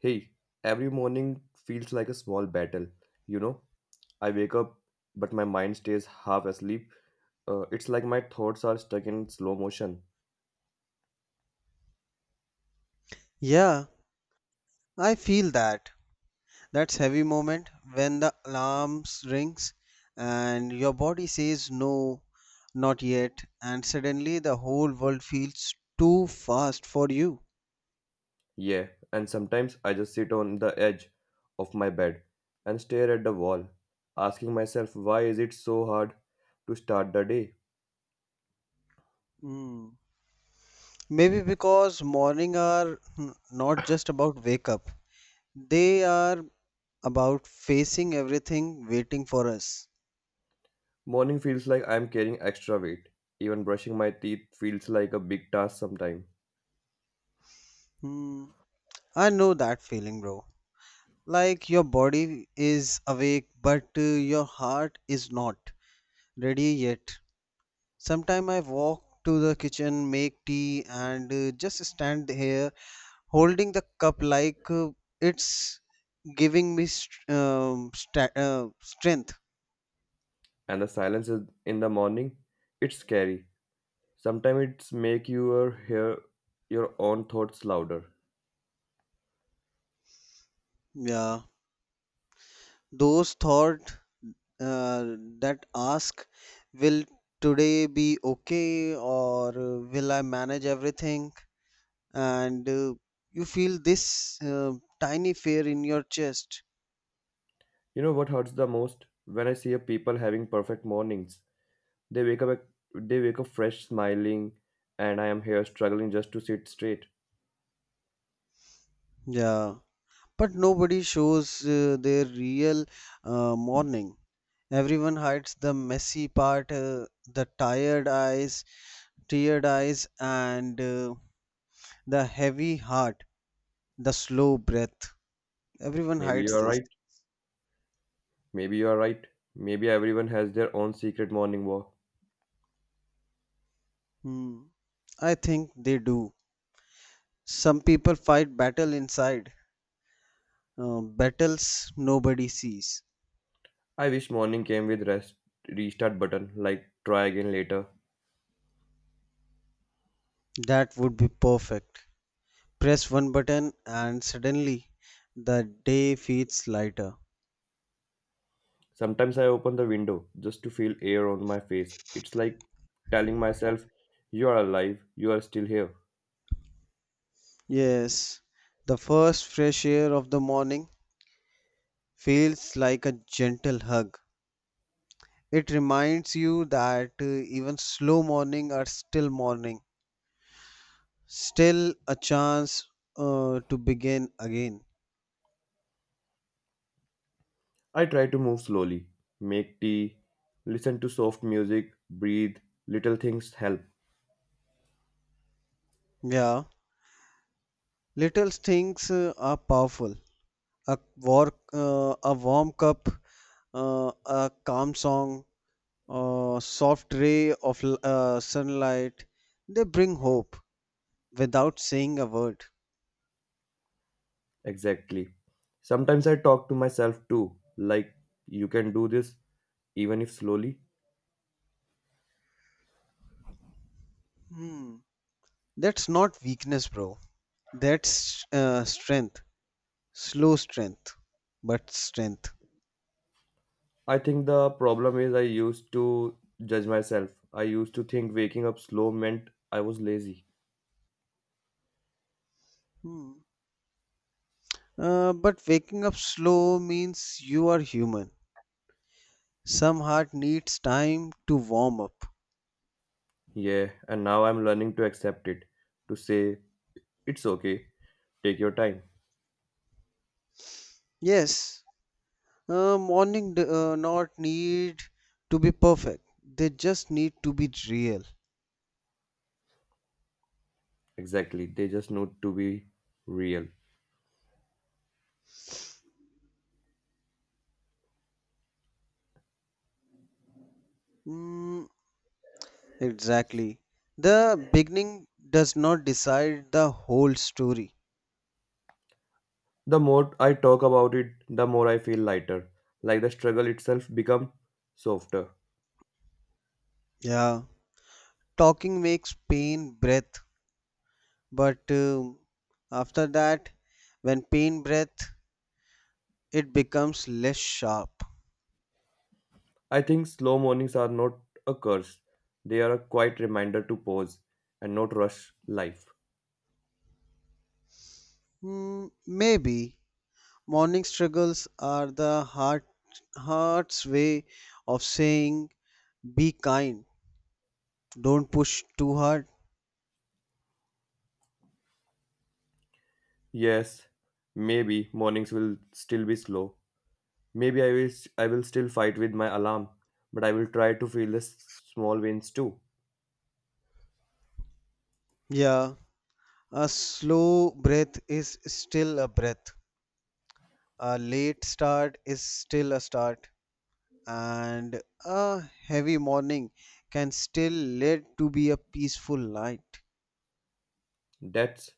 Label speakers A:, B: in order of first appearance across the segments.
A: Hey, every morning feels like a small battle. You know, I wake up, but my mind stays half asleep. It's like my thoughts are stuck in slow motion.
B: Yeah, I feel that. That's heavy moment when the alarm rings and your body says no, not yet, and suddenly the whole world feels too fast for you.
A: Yeah, and sometimes I just sit on the edge of my bed and stare at the wall, asking myself, why is it so hard to start the day?
B: Hmm. Maybe because morning are not just about wake up. They are about facing everything waiting for us.
A: Morning feels like I'm carrying extra weight. Even brushing my teeth feels like a big task sometimes.
B: Hmm. I know that feeling, bro. Like your body is awake, but your heart is not ready yet. Sometime I walk to the kitchen, make tea, and just stand here holding the cup like it's giving me strength.
A: And the silence is in the morning, it's scary. Sometimes it's make your hear your own thoughts louder.
B: Yeah, those thought that ask, will today be okay or will I manage everything? And you feel this tiny fear in your chest.
A: You know what hurts the most? When I see a people having perfect mornings, they wake up they wake up fresh, smiling, and I am here struggling just to sit straight.
B: Yeah, but nobody shows their real morning. Everyone hides the messy part, the tired eyes, teared eyes, and the heavy heart, the slow breath. Everyone
A: Maybe you
B: hides
A: are
B: this.
A: right. Maybe you are right. Maybe everyone has their own secret morning walk.
B: Hmm. I think they do. Some people fight battle inside, battles nobody sees.
A: I wish morning came with restart button, like try again later.
B: That would be perfect. Press one button, and suddenly the day feels lighter.
A: Sometimes I open the window just to feel air on my face. It's like telling myself, you are alive, you are still here.
B: Yes, the first fresh air of the morning feels like a gentle hug. It reminds you that even slow morning are still morning, still a chance to begin again.
A: I try to move slowly, make tea, listen to soft music, breathe. Little things help.
B: Yeah, little things are powerful. A warm cup, a calm song, a soft ray of sunlight. They bring hope without saying a word.
A: Exactly. Sometimes I talk to myself too, like, you can do this, even if slowly.
B: Hmm. That's not weakness, bro. That's strength. Slow strength, but strength.
A: I think the problem is I used to judge myself. I used to think waking up slow meant I was lazy.
B: Hmm. But waking up slow means you are human. Some heart needs time to warm up.
A: Yeah, and now I'm learning to accept it, to say, it's okay, take your time.
B: Yes, morning do not need to be perfect. They just need to be real.
A: Exactly, they just need to be real.
B: Mm, exactly. The beginning does not decide the whole story.
A: The more I talk about it, the more I feel lighter, like the struggle itself become softer.
B: Yeah. Talking makes pain breath, but after that when pain breath, it becomes less sharp.
A: I think slow mornings are not a curse. They are a quiet reminder to pause and not rush life.
B: Maybe morning struggles are the heart's way of saying, be kind, don't push too hard.
A: Yes, maybe mornings will still be slow. Maybe I will still fight with my alarm, but I will try to feel the small wins too.
B: Yeah, a slow breath is still a breath. A late start is still a start. And a heavy morning can still lead to be a peaceful night.
A: That's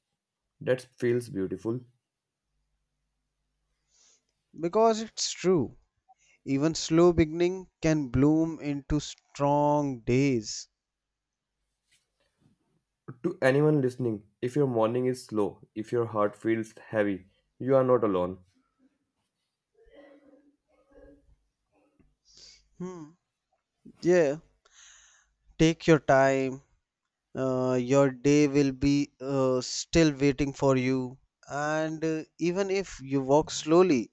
A: that feels beautiful.
B: Because it's true. Even slow beginning can bloom into strong days.
A: To anyone listening, if your morning is slow, if your heart feels heavy, you are not alone.
B: Hmm. Yeah, take your time. Your day will be still waiting for you. And even if you walk slowly,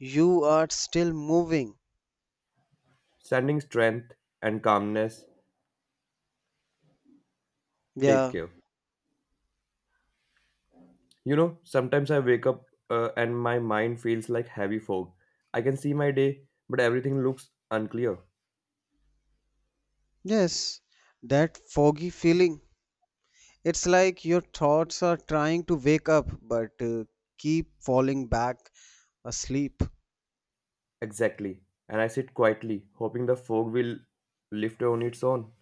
B: you are still moving.
A: Sending strength and calmness. Take
B: Yeah,
A: care. Sometimes I wake up and my mind feels like heavy fog. I can see my day, but everything looks unclear.
B: yes, that foggy feeling. It's like your thoughts are trying to wake up but keep falling back asleep.
A: Exactly. And I sit quietly, hoping the fog will lift on its own.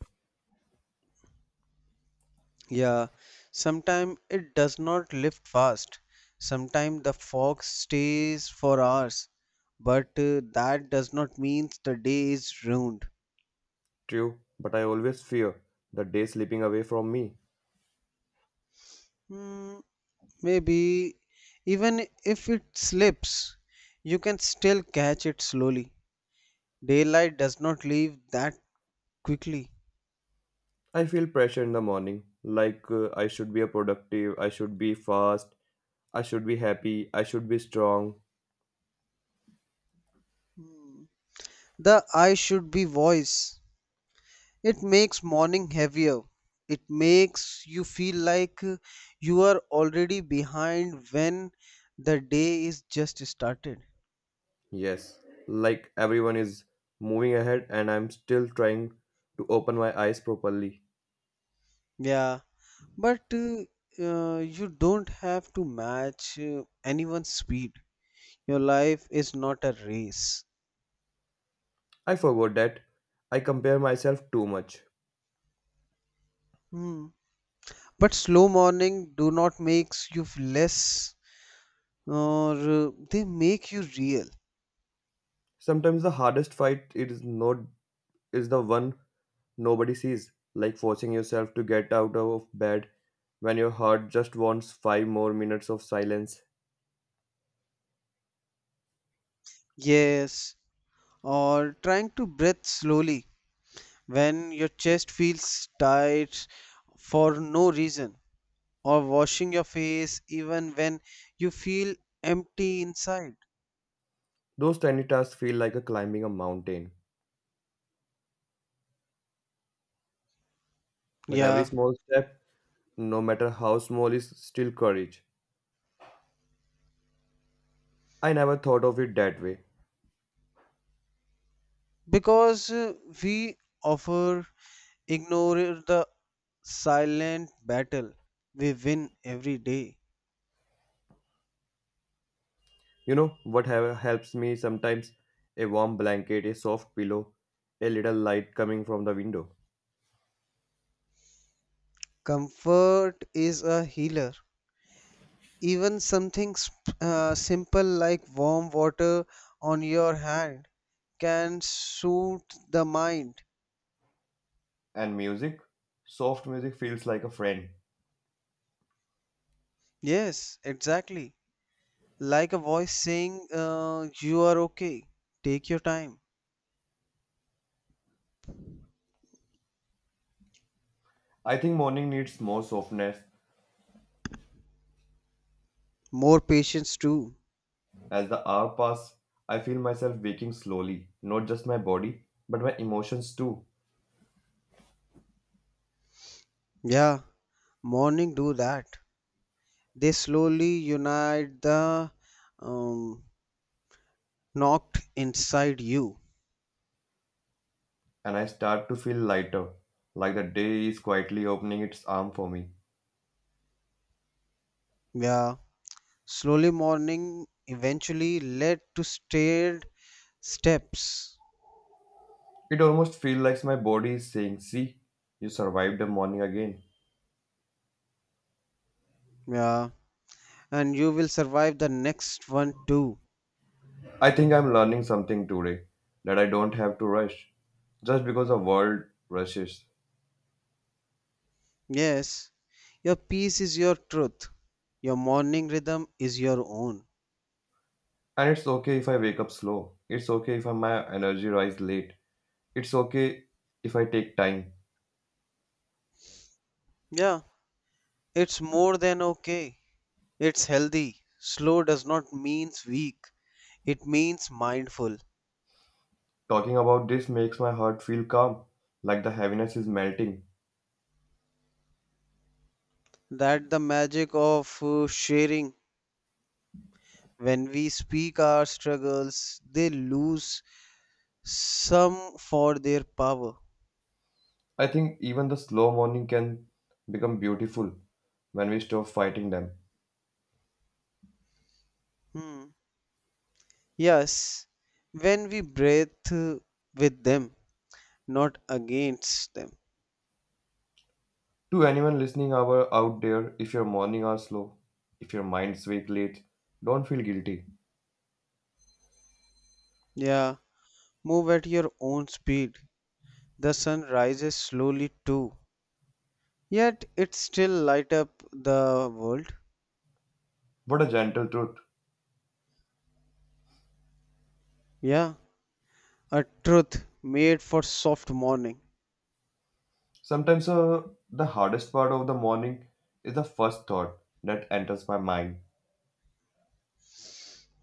B: Yeah, sometimes it does not lift fast. Sometimes the fog stays for hours, but that does not mean the day is ruined.
A: True, but I always fear the day slipping away from me.
B: Hmm, Maybe even if it slips, you can still catch it slowly. Daylight does not leave that quickly.
A: I feel pressure in the morning, like I should be a productive, I should be fast, I should be happy, I should be strong.
B: Hmm. The eye should be voice. It makes morning heavier. It makes you feel like you are already behind when the day is just started.
A: Yes, like everyone is moving ahead, and I'm still trying to open my eyes properly.
B: Yeah, but you don't have to match anyone's speed. Your life is not a race.
A: I forgot that I compare myself too much.
B: Hmm. But slow morning do not makes you less, or they make you real.
A: Sometimes the hardest fight is not is the one nobody sees, like forcing yourself to get out of bed when your heart just wants 5 more minutes of silence.
B: Yes, or trying to breathe slowly when your chest feels tight for no reason, or washing your face even when you feel empty inside.
A: Those tiny tasks feel like a climbing a mountain, but every
B: Yeah,
A: small step, no matter how small, is still courage. I never thought of it that way.
B: because we offer ignore the silent battle we win every day.
A: You know what helps me sometimes? A warm blanket, a soft pillow, a little light coming from the window.
B: Comfort is a healer. Even something simple like warm water on your hand can soothe the mind.
A: And music? Soft music feels like a friend.
B: Yes, exactly. Like a voice saying, you are okay. Take your time.
A: I think morning needs more softness.
B: More patience too.
A: As the hour pass, I feel myself waking slowly, not just my body, but my emotions too.
B: Yeah, morning do that. They slowly unite the um, knocked inside you.
A: And I start to feel lighter, like the day is quietly opening its arm for me.
B: Yeah, slowly morning eventually led to staired steps.
A: It almost feels like my body is saying, See, you survived the morning again.
B: Yeah, and you will survive the next one too.
A: I think I'm learning something today that I don't have to rush just because the world rushes.
B: Yes, your peace is your truth. Your morning rhythm is your own.
A: And it's okay if I wake up slow. It's okay if my energy rise late. It's okay if I take time.
B: Yeah, it's more than okay. It's healthy. Slow does not means weak. It means mindful.
A: Talking about this makes my heart feel calm, like the heaviness is melting.
B: That the magic of sharing. When we speak our struggles, they lose some for their power.
A: I think even the slow morning can become beautiful when we stop fighting them.
B: Hmm. Yes, when we breathe with them, not against them.
A: To anyone listening our out there, if your morning are slow, if your mind's wake late, don't feel guilty.
B: Yeah, move at your own speed. The sun rises slowly too, yet it still light up the world.
A: What a gentle truth.
B: Yeah, a truth made for soft morning.
A: Sometimes the hardest part of the morning is the first thought that enters my mind.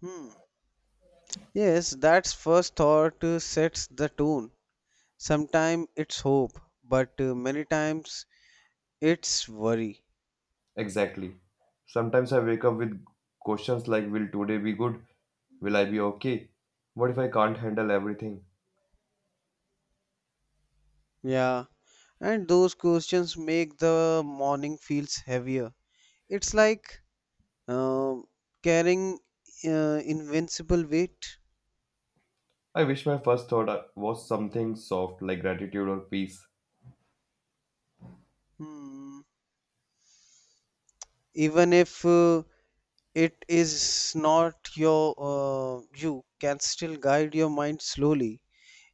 B: Hmm. Yes, that's first thought sets the tone. Sometimes it's hope, but many times it's worry.
A: Exactly. Sometimes I wake up with questions like, will today be good? Will I be okay? What if I can't handle everything?
B: Yeah, and those questions make the morning feels heavier. It's like um, carrying invincible weight.
A: I wish my first thought was something soft like gratitude or peace.
B: Hmm. Even if it is not your, you can still guide your mind slowly.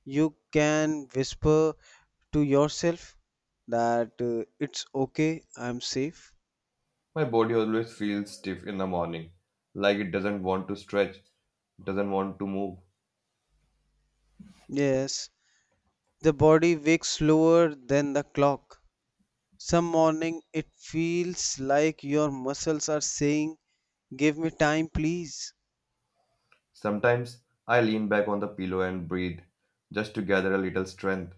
B: You can whisper to yourself that it's okay, I'm safe.
A: My body always feels stiff in the morning, like it doesn't want to stretch, doesn't want to move.
B: Yes, the body wakes slower than the clock. Some morning it feels like your muscles are saying, give me time, please.
A: Sometimes I lean back on the pillow and breathe, just to gather a little strength.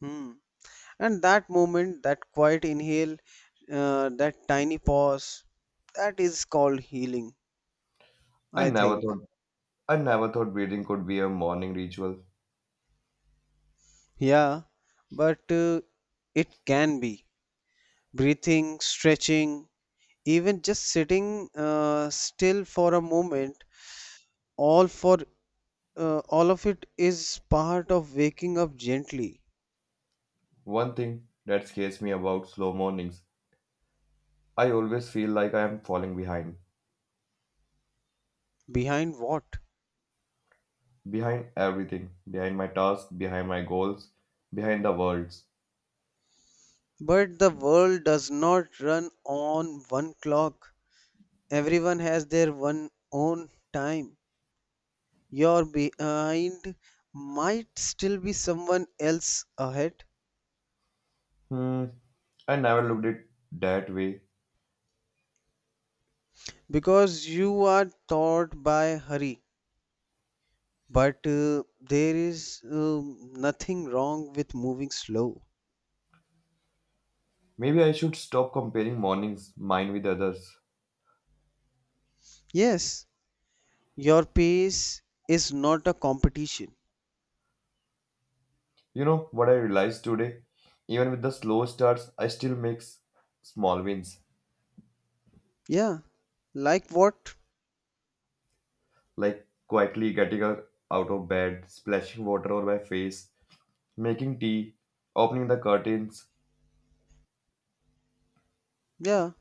B: Hmm. And that moment, that quiet inhale, that tiny pause, that is called healing,
A: I
B: I
A: never
B: think.
A: thought I never thought breathing could be a morning ritual.
B: Yeah, but it can be breathing, stretching, even just sitting still for a moment, all for all of it is part of waking up gently.
A: One thing that scares me about slow mornings, I always feel like I am falling behind.
B: Behind what?
A: Behind everything. Behind my tasks, behind my goals, behind the worlds.
B: But the world does not run on one clock. Everyone has their one own time. Your behind might still be someone else ahead.
A: Hmm, I never looked at it that way.
B: Because you are taught by hurry, but there is nothing wrong with moving slow.
A: Maybe I should stop comparing mornings, mine with others.
B: Yes, your pace is not a competition.
A: You know what I realized today? Even with the slow starts, I still make small wins.
B: Yeah, like what?
A: Like quietly getting out of bed, splashing water on my face, making tea, opening the curtains.
B: Yeah,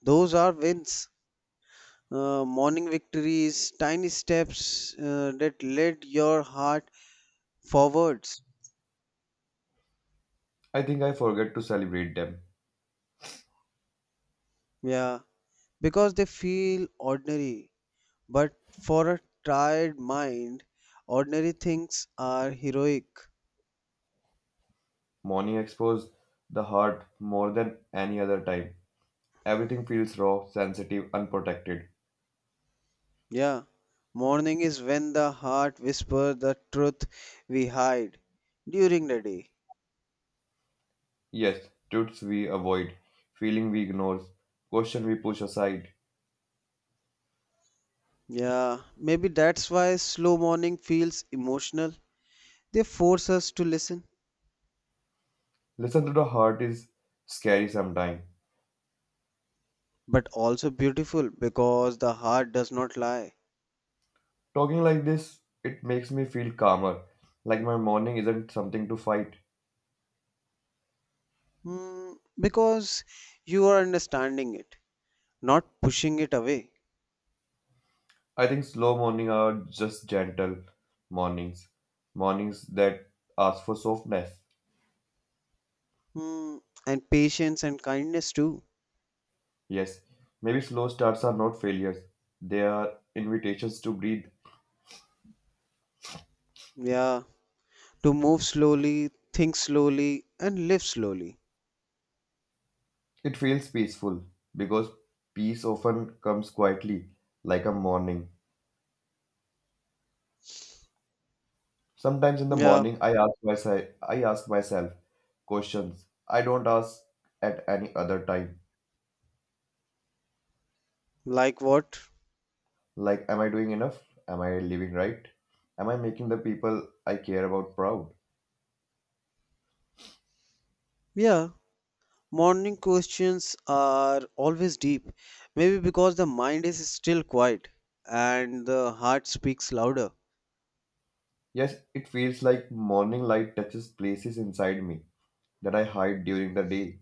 B: those are wins. Morning victories, tiny steps that lead your heart forwards.
A: I think I forget to celebrate them.
B: Yeah, because they feel ordinary. But for a tired mind, ordinary things are heroic.
A: Morning expose the heart more than any other time. Everything feels raw, sensitive, unprotected.
B: Yeah, morning is when the heart whispers the truth we hide during the day.
A: Yes, truths we avoid, feeling we ignore, question we push aside.
B: Yeah, maybe that's why slow morning feels emotional. They force us to listen,
A: Listen to the heart is scary sometimes.
B: but also beautiful because the heart does not lie.
A: Talking like this, it makes me feel calmer, like my morning isn't something to fight.
B: Hmm, because you are understanding it, not pushing it away.
A: I think slow morning are just gentle mornings, mornings that ask for softness.
B: Hmm, and patience and kindness too.
A: Yes, maybe slow starts are not failures, they are invitations to breathe.
B: Yeah, to move slowly, think slowly, and live slowly.
A: It feels peaceful because peace often comes quietly, like a morning. Sometimes in the
B: Yeah,
A: morning, I ask myself questions I don't ask at any other time.
B: like what?
A: Like, am I doing enough? Am I living right? Am I making the people I care about proud?
B: Yeah, morning questions are always deep, maybe because the mind is still quiet and the heart speaks louder.
A: Yes, it feels like morning light touches places inside me that I hide during the day.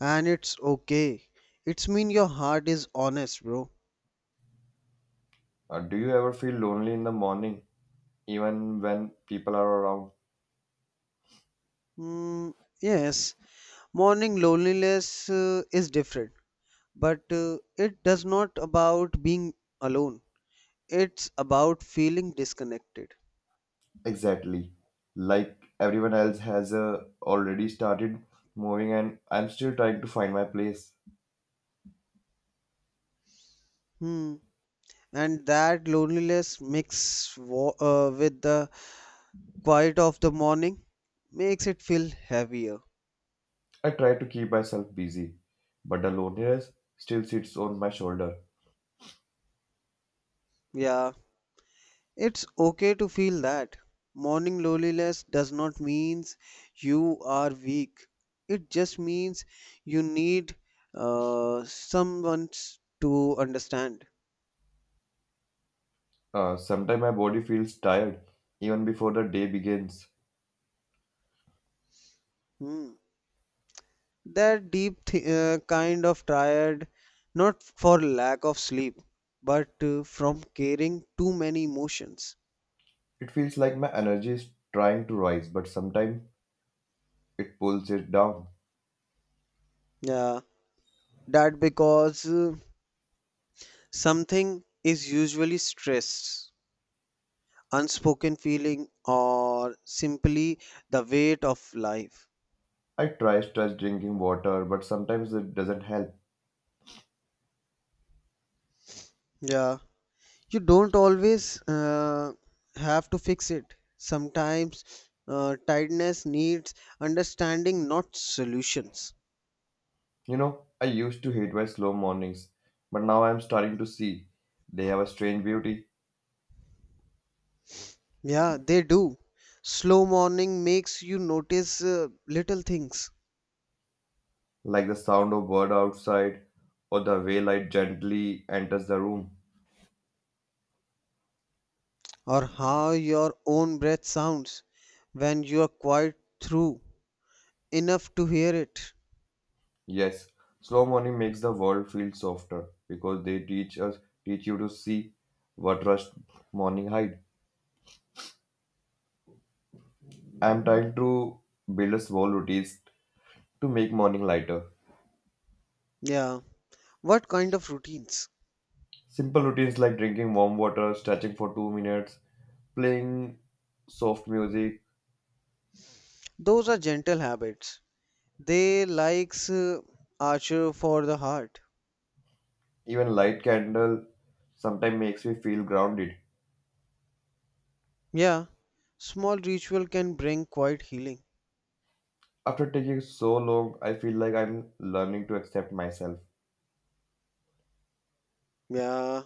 B: And it's okay. It's mean your heart is honest, bro.
A: Do you ever feel lonely in the morning, even when people are around?
B: Mm, yes, morning loneliness is different, but it does not about being alone. It's about feeling disconnected.
A: Exactly. Like everyone else has already started moving, and I'm still trying to find my place.
B: Hmm. And that loneliness mix with the quiet of the morning makes it feel heavier.
A: I try to keep myself busy, but the loneliness still sits on my shoulder.
B: Yeah, it's okay to feel that. Morning loneliness does not means you are weak. It just means you need someone to understand.
A: Sometimes my body feels tired even before the day begins.
B: Hmm. That deep kind of tired, not for lack of sleep, but from carrying too many emotions.
A: It feels like my energy is trying to rise, but sometimes it pulls it down.
B: Yeah, that because. Something is usually stress, unspoken feeling, or simply the weight of life.
A: I try stress drinking water, but sometimes it doesn't help.
B: Yeah, you don't always have to fix it. Sometimes tiredness needs understanding, not solutions.
A: I used to hate my slow mornings, but now I'm starting to see they have a strange beauty,
B: Yeah, they do. Slow morning makes you notice little things,
A: like the sound of bird outside or the way light gently enters the room.
B: or how your own breath sounds when you are quiet through enough to hear it.
A: Yes, slow morning makes the world feel softer because they teach you to see what rush morning hide. I'm trying to build a small routine to make morning lighter.
B: Yeah. What kind of routines?
A: Simple routines like drinking warm water, stretching for 2 minutes, playing soft music,
B: Those are gentle habits. They likes Archer for the heart.
A: even light candle sometimes makes me feel grounded.
B: Yeah, small ritual can bring quite healing.
A: After taking so long, I feel like I'm learning to accept myself.
B: Yeah,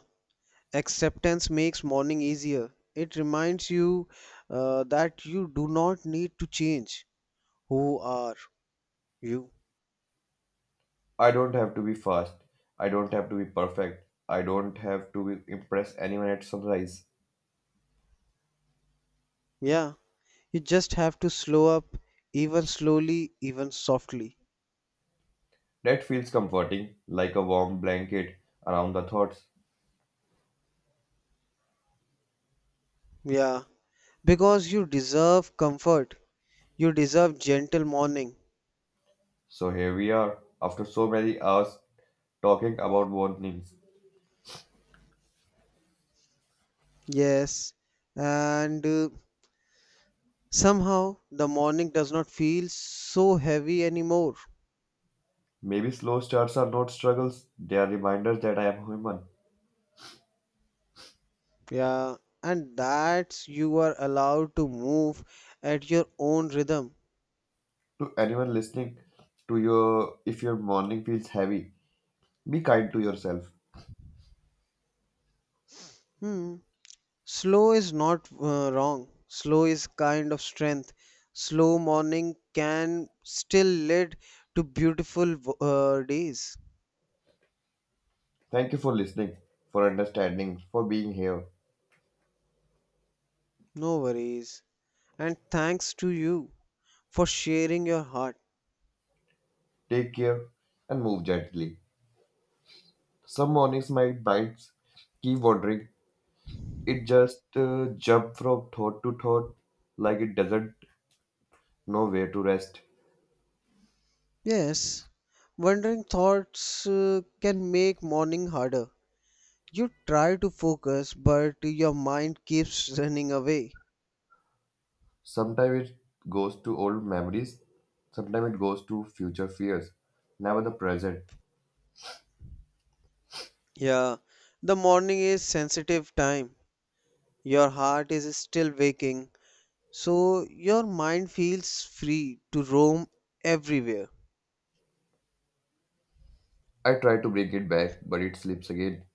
B: acceptance makes morning easier. It reminds you that you do not need to change who are you.
A: I don't have to be fast. I don't have to be perfect. I don't have to impress anyone at sunrise.
B: Yeah, you just have to slow up, even slowly, even softly.
A: That feels comforting, like a warm blanket around the thoughts.
B: Yeah, because you deserve comfort. You deserve gentle morning.
A: So here we are, after so many hours talking about warnings.
B: Yes, and somehow the morning does not feel so heavy anymore.
A: Maybe slow starts are not struggles, they are reminders that I am human.
B: Yeah, and that's you are allowed to move at your own rhythm.
A: To anyone listening, to your if your morning feels heavy, be kind to yourself.
B: Hmm. Slow is not wrong. Slow is kind of strength. Slow morning can still lead to beautiful days.
A: Thank you for listening, for understanding, for being here.
B: No worries. And thanks to you for sharing your heart.
A: Take care and move gently. Some mornings my minds keep wandering. It just jump from thought to thought like it doesn't know where to rest.
B: Yes, wandering thoughts can make morning harder. You try to focus, but your mind keeps running away.
A: Sometimes it goes to old memories, sometimes it goes to future fears, never the present.
B: Yeah, the morning is sensitive time. Your heart is still waking, so your mind feels free to roam everywhere.
A: I try to break it back, but it slips again.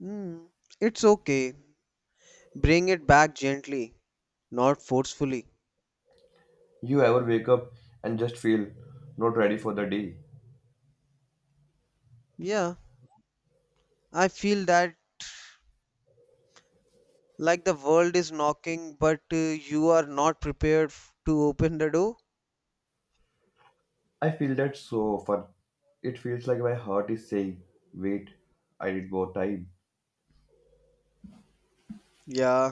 B: Hmm, it's okay. Bring it back gently, not forcefully.
A: You ever wake up and just feel not ready for the day?
B: Yeah, I feel that. Like the world is knocking, but you are not prepared to open the door.
A: I feel that so often. It feels like my heart is saying, wait, I need more time.
B: Yeah,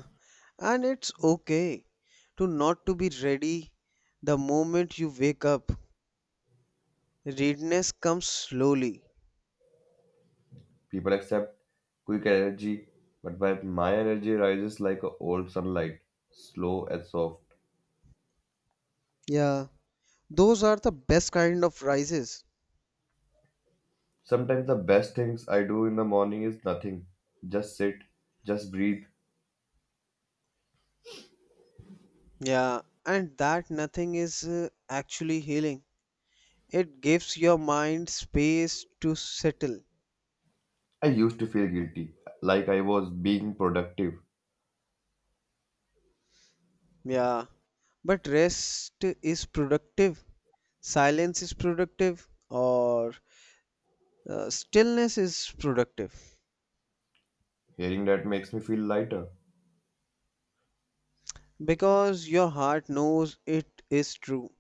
B: and it's okay to not to be ready the moment you wake up. Readiness comes slowly.
A: People accept quick energy, but my energy rises like a old sunlight, slow and soft.
B: Yeah, those are the best kind of rises.
A: Sometimes the best things I do in the morning is nothing. Just sit, just breathe.
B: Yeah, and that nothing is actually healing. It gives your mind space to settle.
A: I used to feel guilty, like I was being productive.
B: Yeah, but rest is productive, silence is productive, or stillness is productive,
A: Hearing that makes me feel lighter.
B: because your heart knows it is true.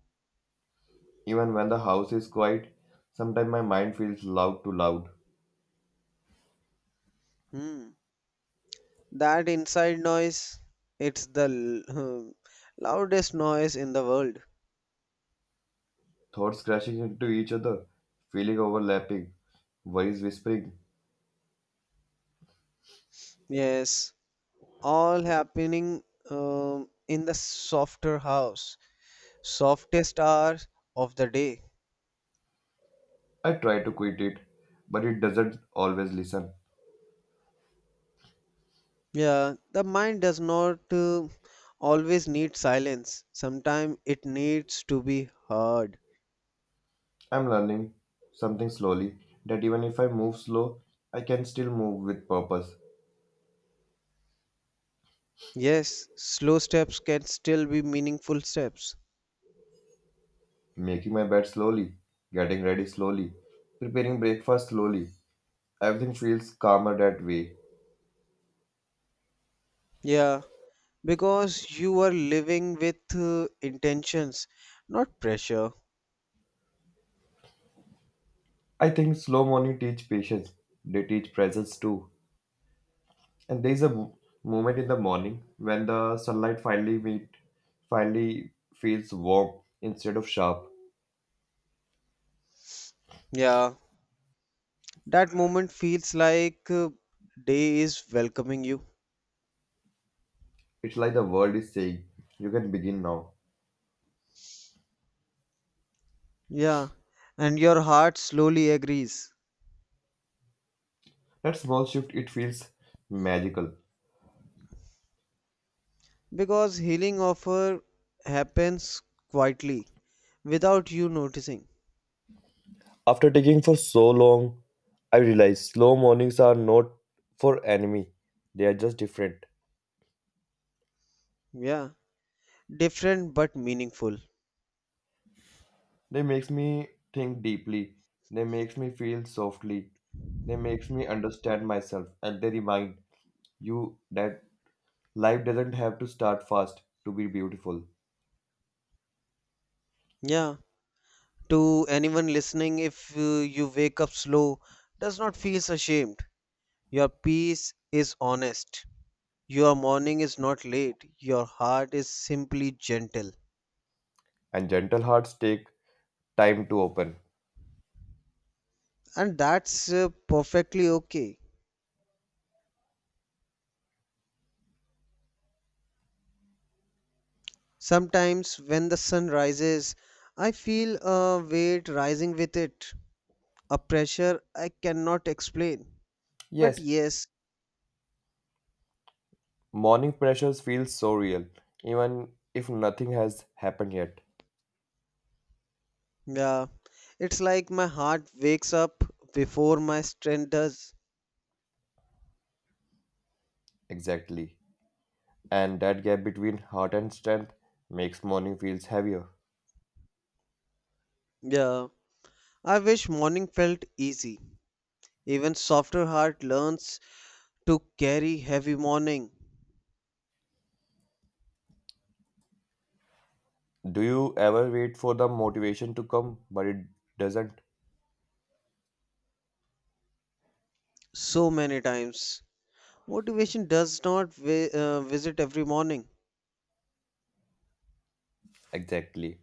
A: Even when the house is quiet, sometimes my mind feels loud.
B: Hmm. That inside noise, it's the l- hmm, loudest noise in the world.
A: Thoughts crashing into each other, feeling overlapping, voice whispering.
B: Yes, all happening in the softest hours of the day.
A: I try to quit it, but it doesn't always listen.
B: Yeah, the mind does not always need silence. Sometimes it needs to be heard.
A: I'm learning something slowly that even if I move slow, I can still move with purpose.
B: Yes, slow steps can still be meaningful steps.
A: Making my bed slowly, getting ready slowly, preparing breakfast slowly. Everything feels calmer that way.
B: Yeah, because you are living with intentions, not pressure.
A: I think slow morning teach patience. They teach presence too. And there is a moment in the morning when the sunlight finally feels warm instead of sharp.
B: Yeah, that moment feels like day is welcoming you.
A: It's like the world is saying, "You can begin now."
B: Yeah, and your heart slowly agrees
A: That small shift, it feels magical.
B: because healing offer happens quietly without you noticing.
A: After taking for so long, I realized slow mornings are not for enemy. They are just different.
B: Yeah, different but meaningful.
A: They makes me think deeply. They makes me feel softly. They makes me understand myself, and they remind you that life doesn't have to start fast to be beautiful,
B: Yeah. To anyone listening, if you wake up slow, does not feel so ashamed. Your peace is honest. Your morning is not late. Your heart is simply gentle.
A: and gentle hearts take time to open.
B: And that's perfectly okay. Sometimes when the sun rises, I feel a weight rising with it, a pressure I cannot explain. But
A: Yes,
B: yes,
A: morning pressures feel so real, even if nothing has happened yet.
B: yeah, it's like my heart wakes up before my strength does.
A: Exactly. And that gap between heart and strength makes morning feels heavier.
B: Yeah, I wish morning felt easy. Even softer heart learns to carry heavy morning.
A: Do you ever wait for the motivation to come, but it doesn't?
B: So many times. Motivation does not visit every morning.
A: Exactly.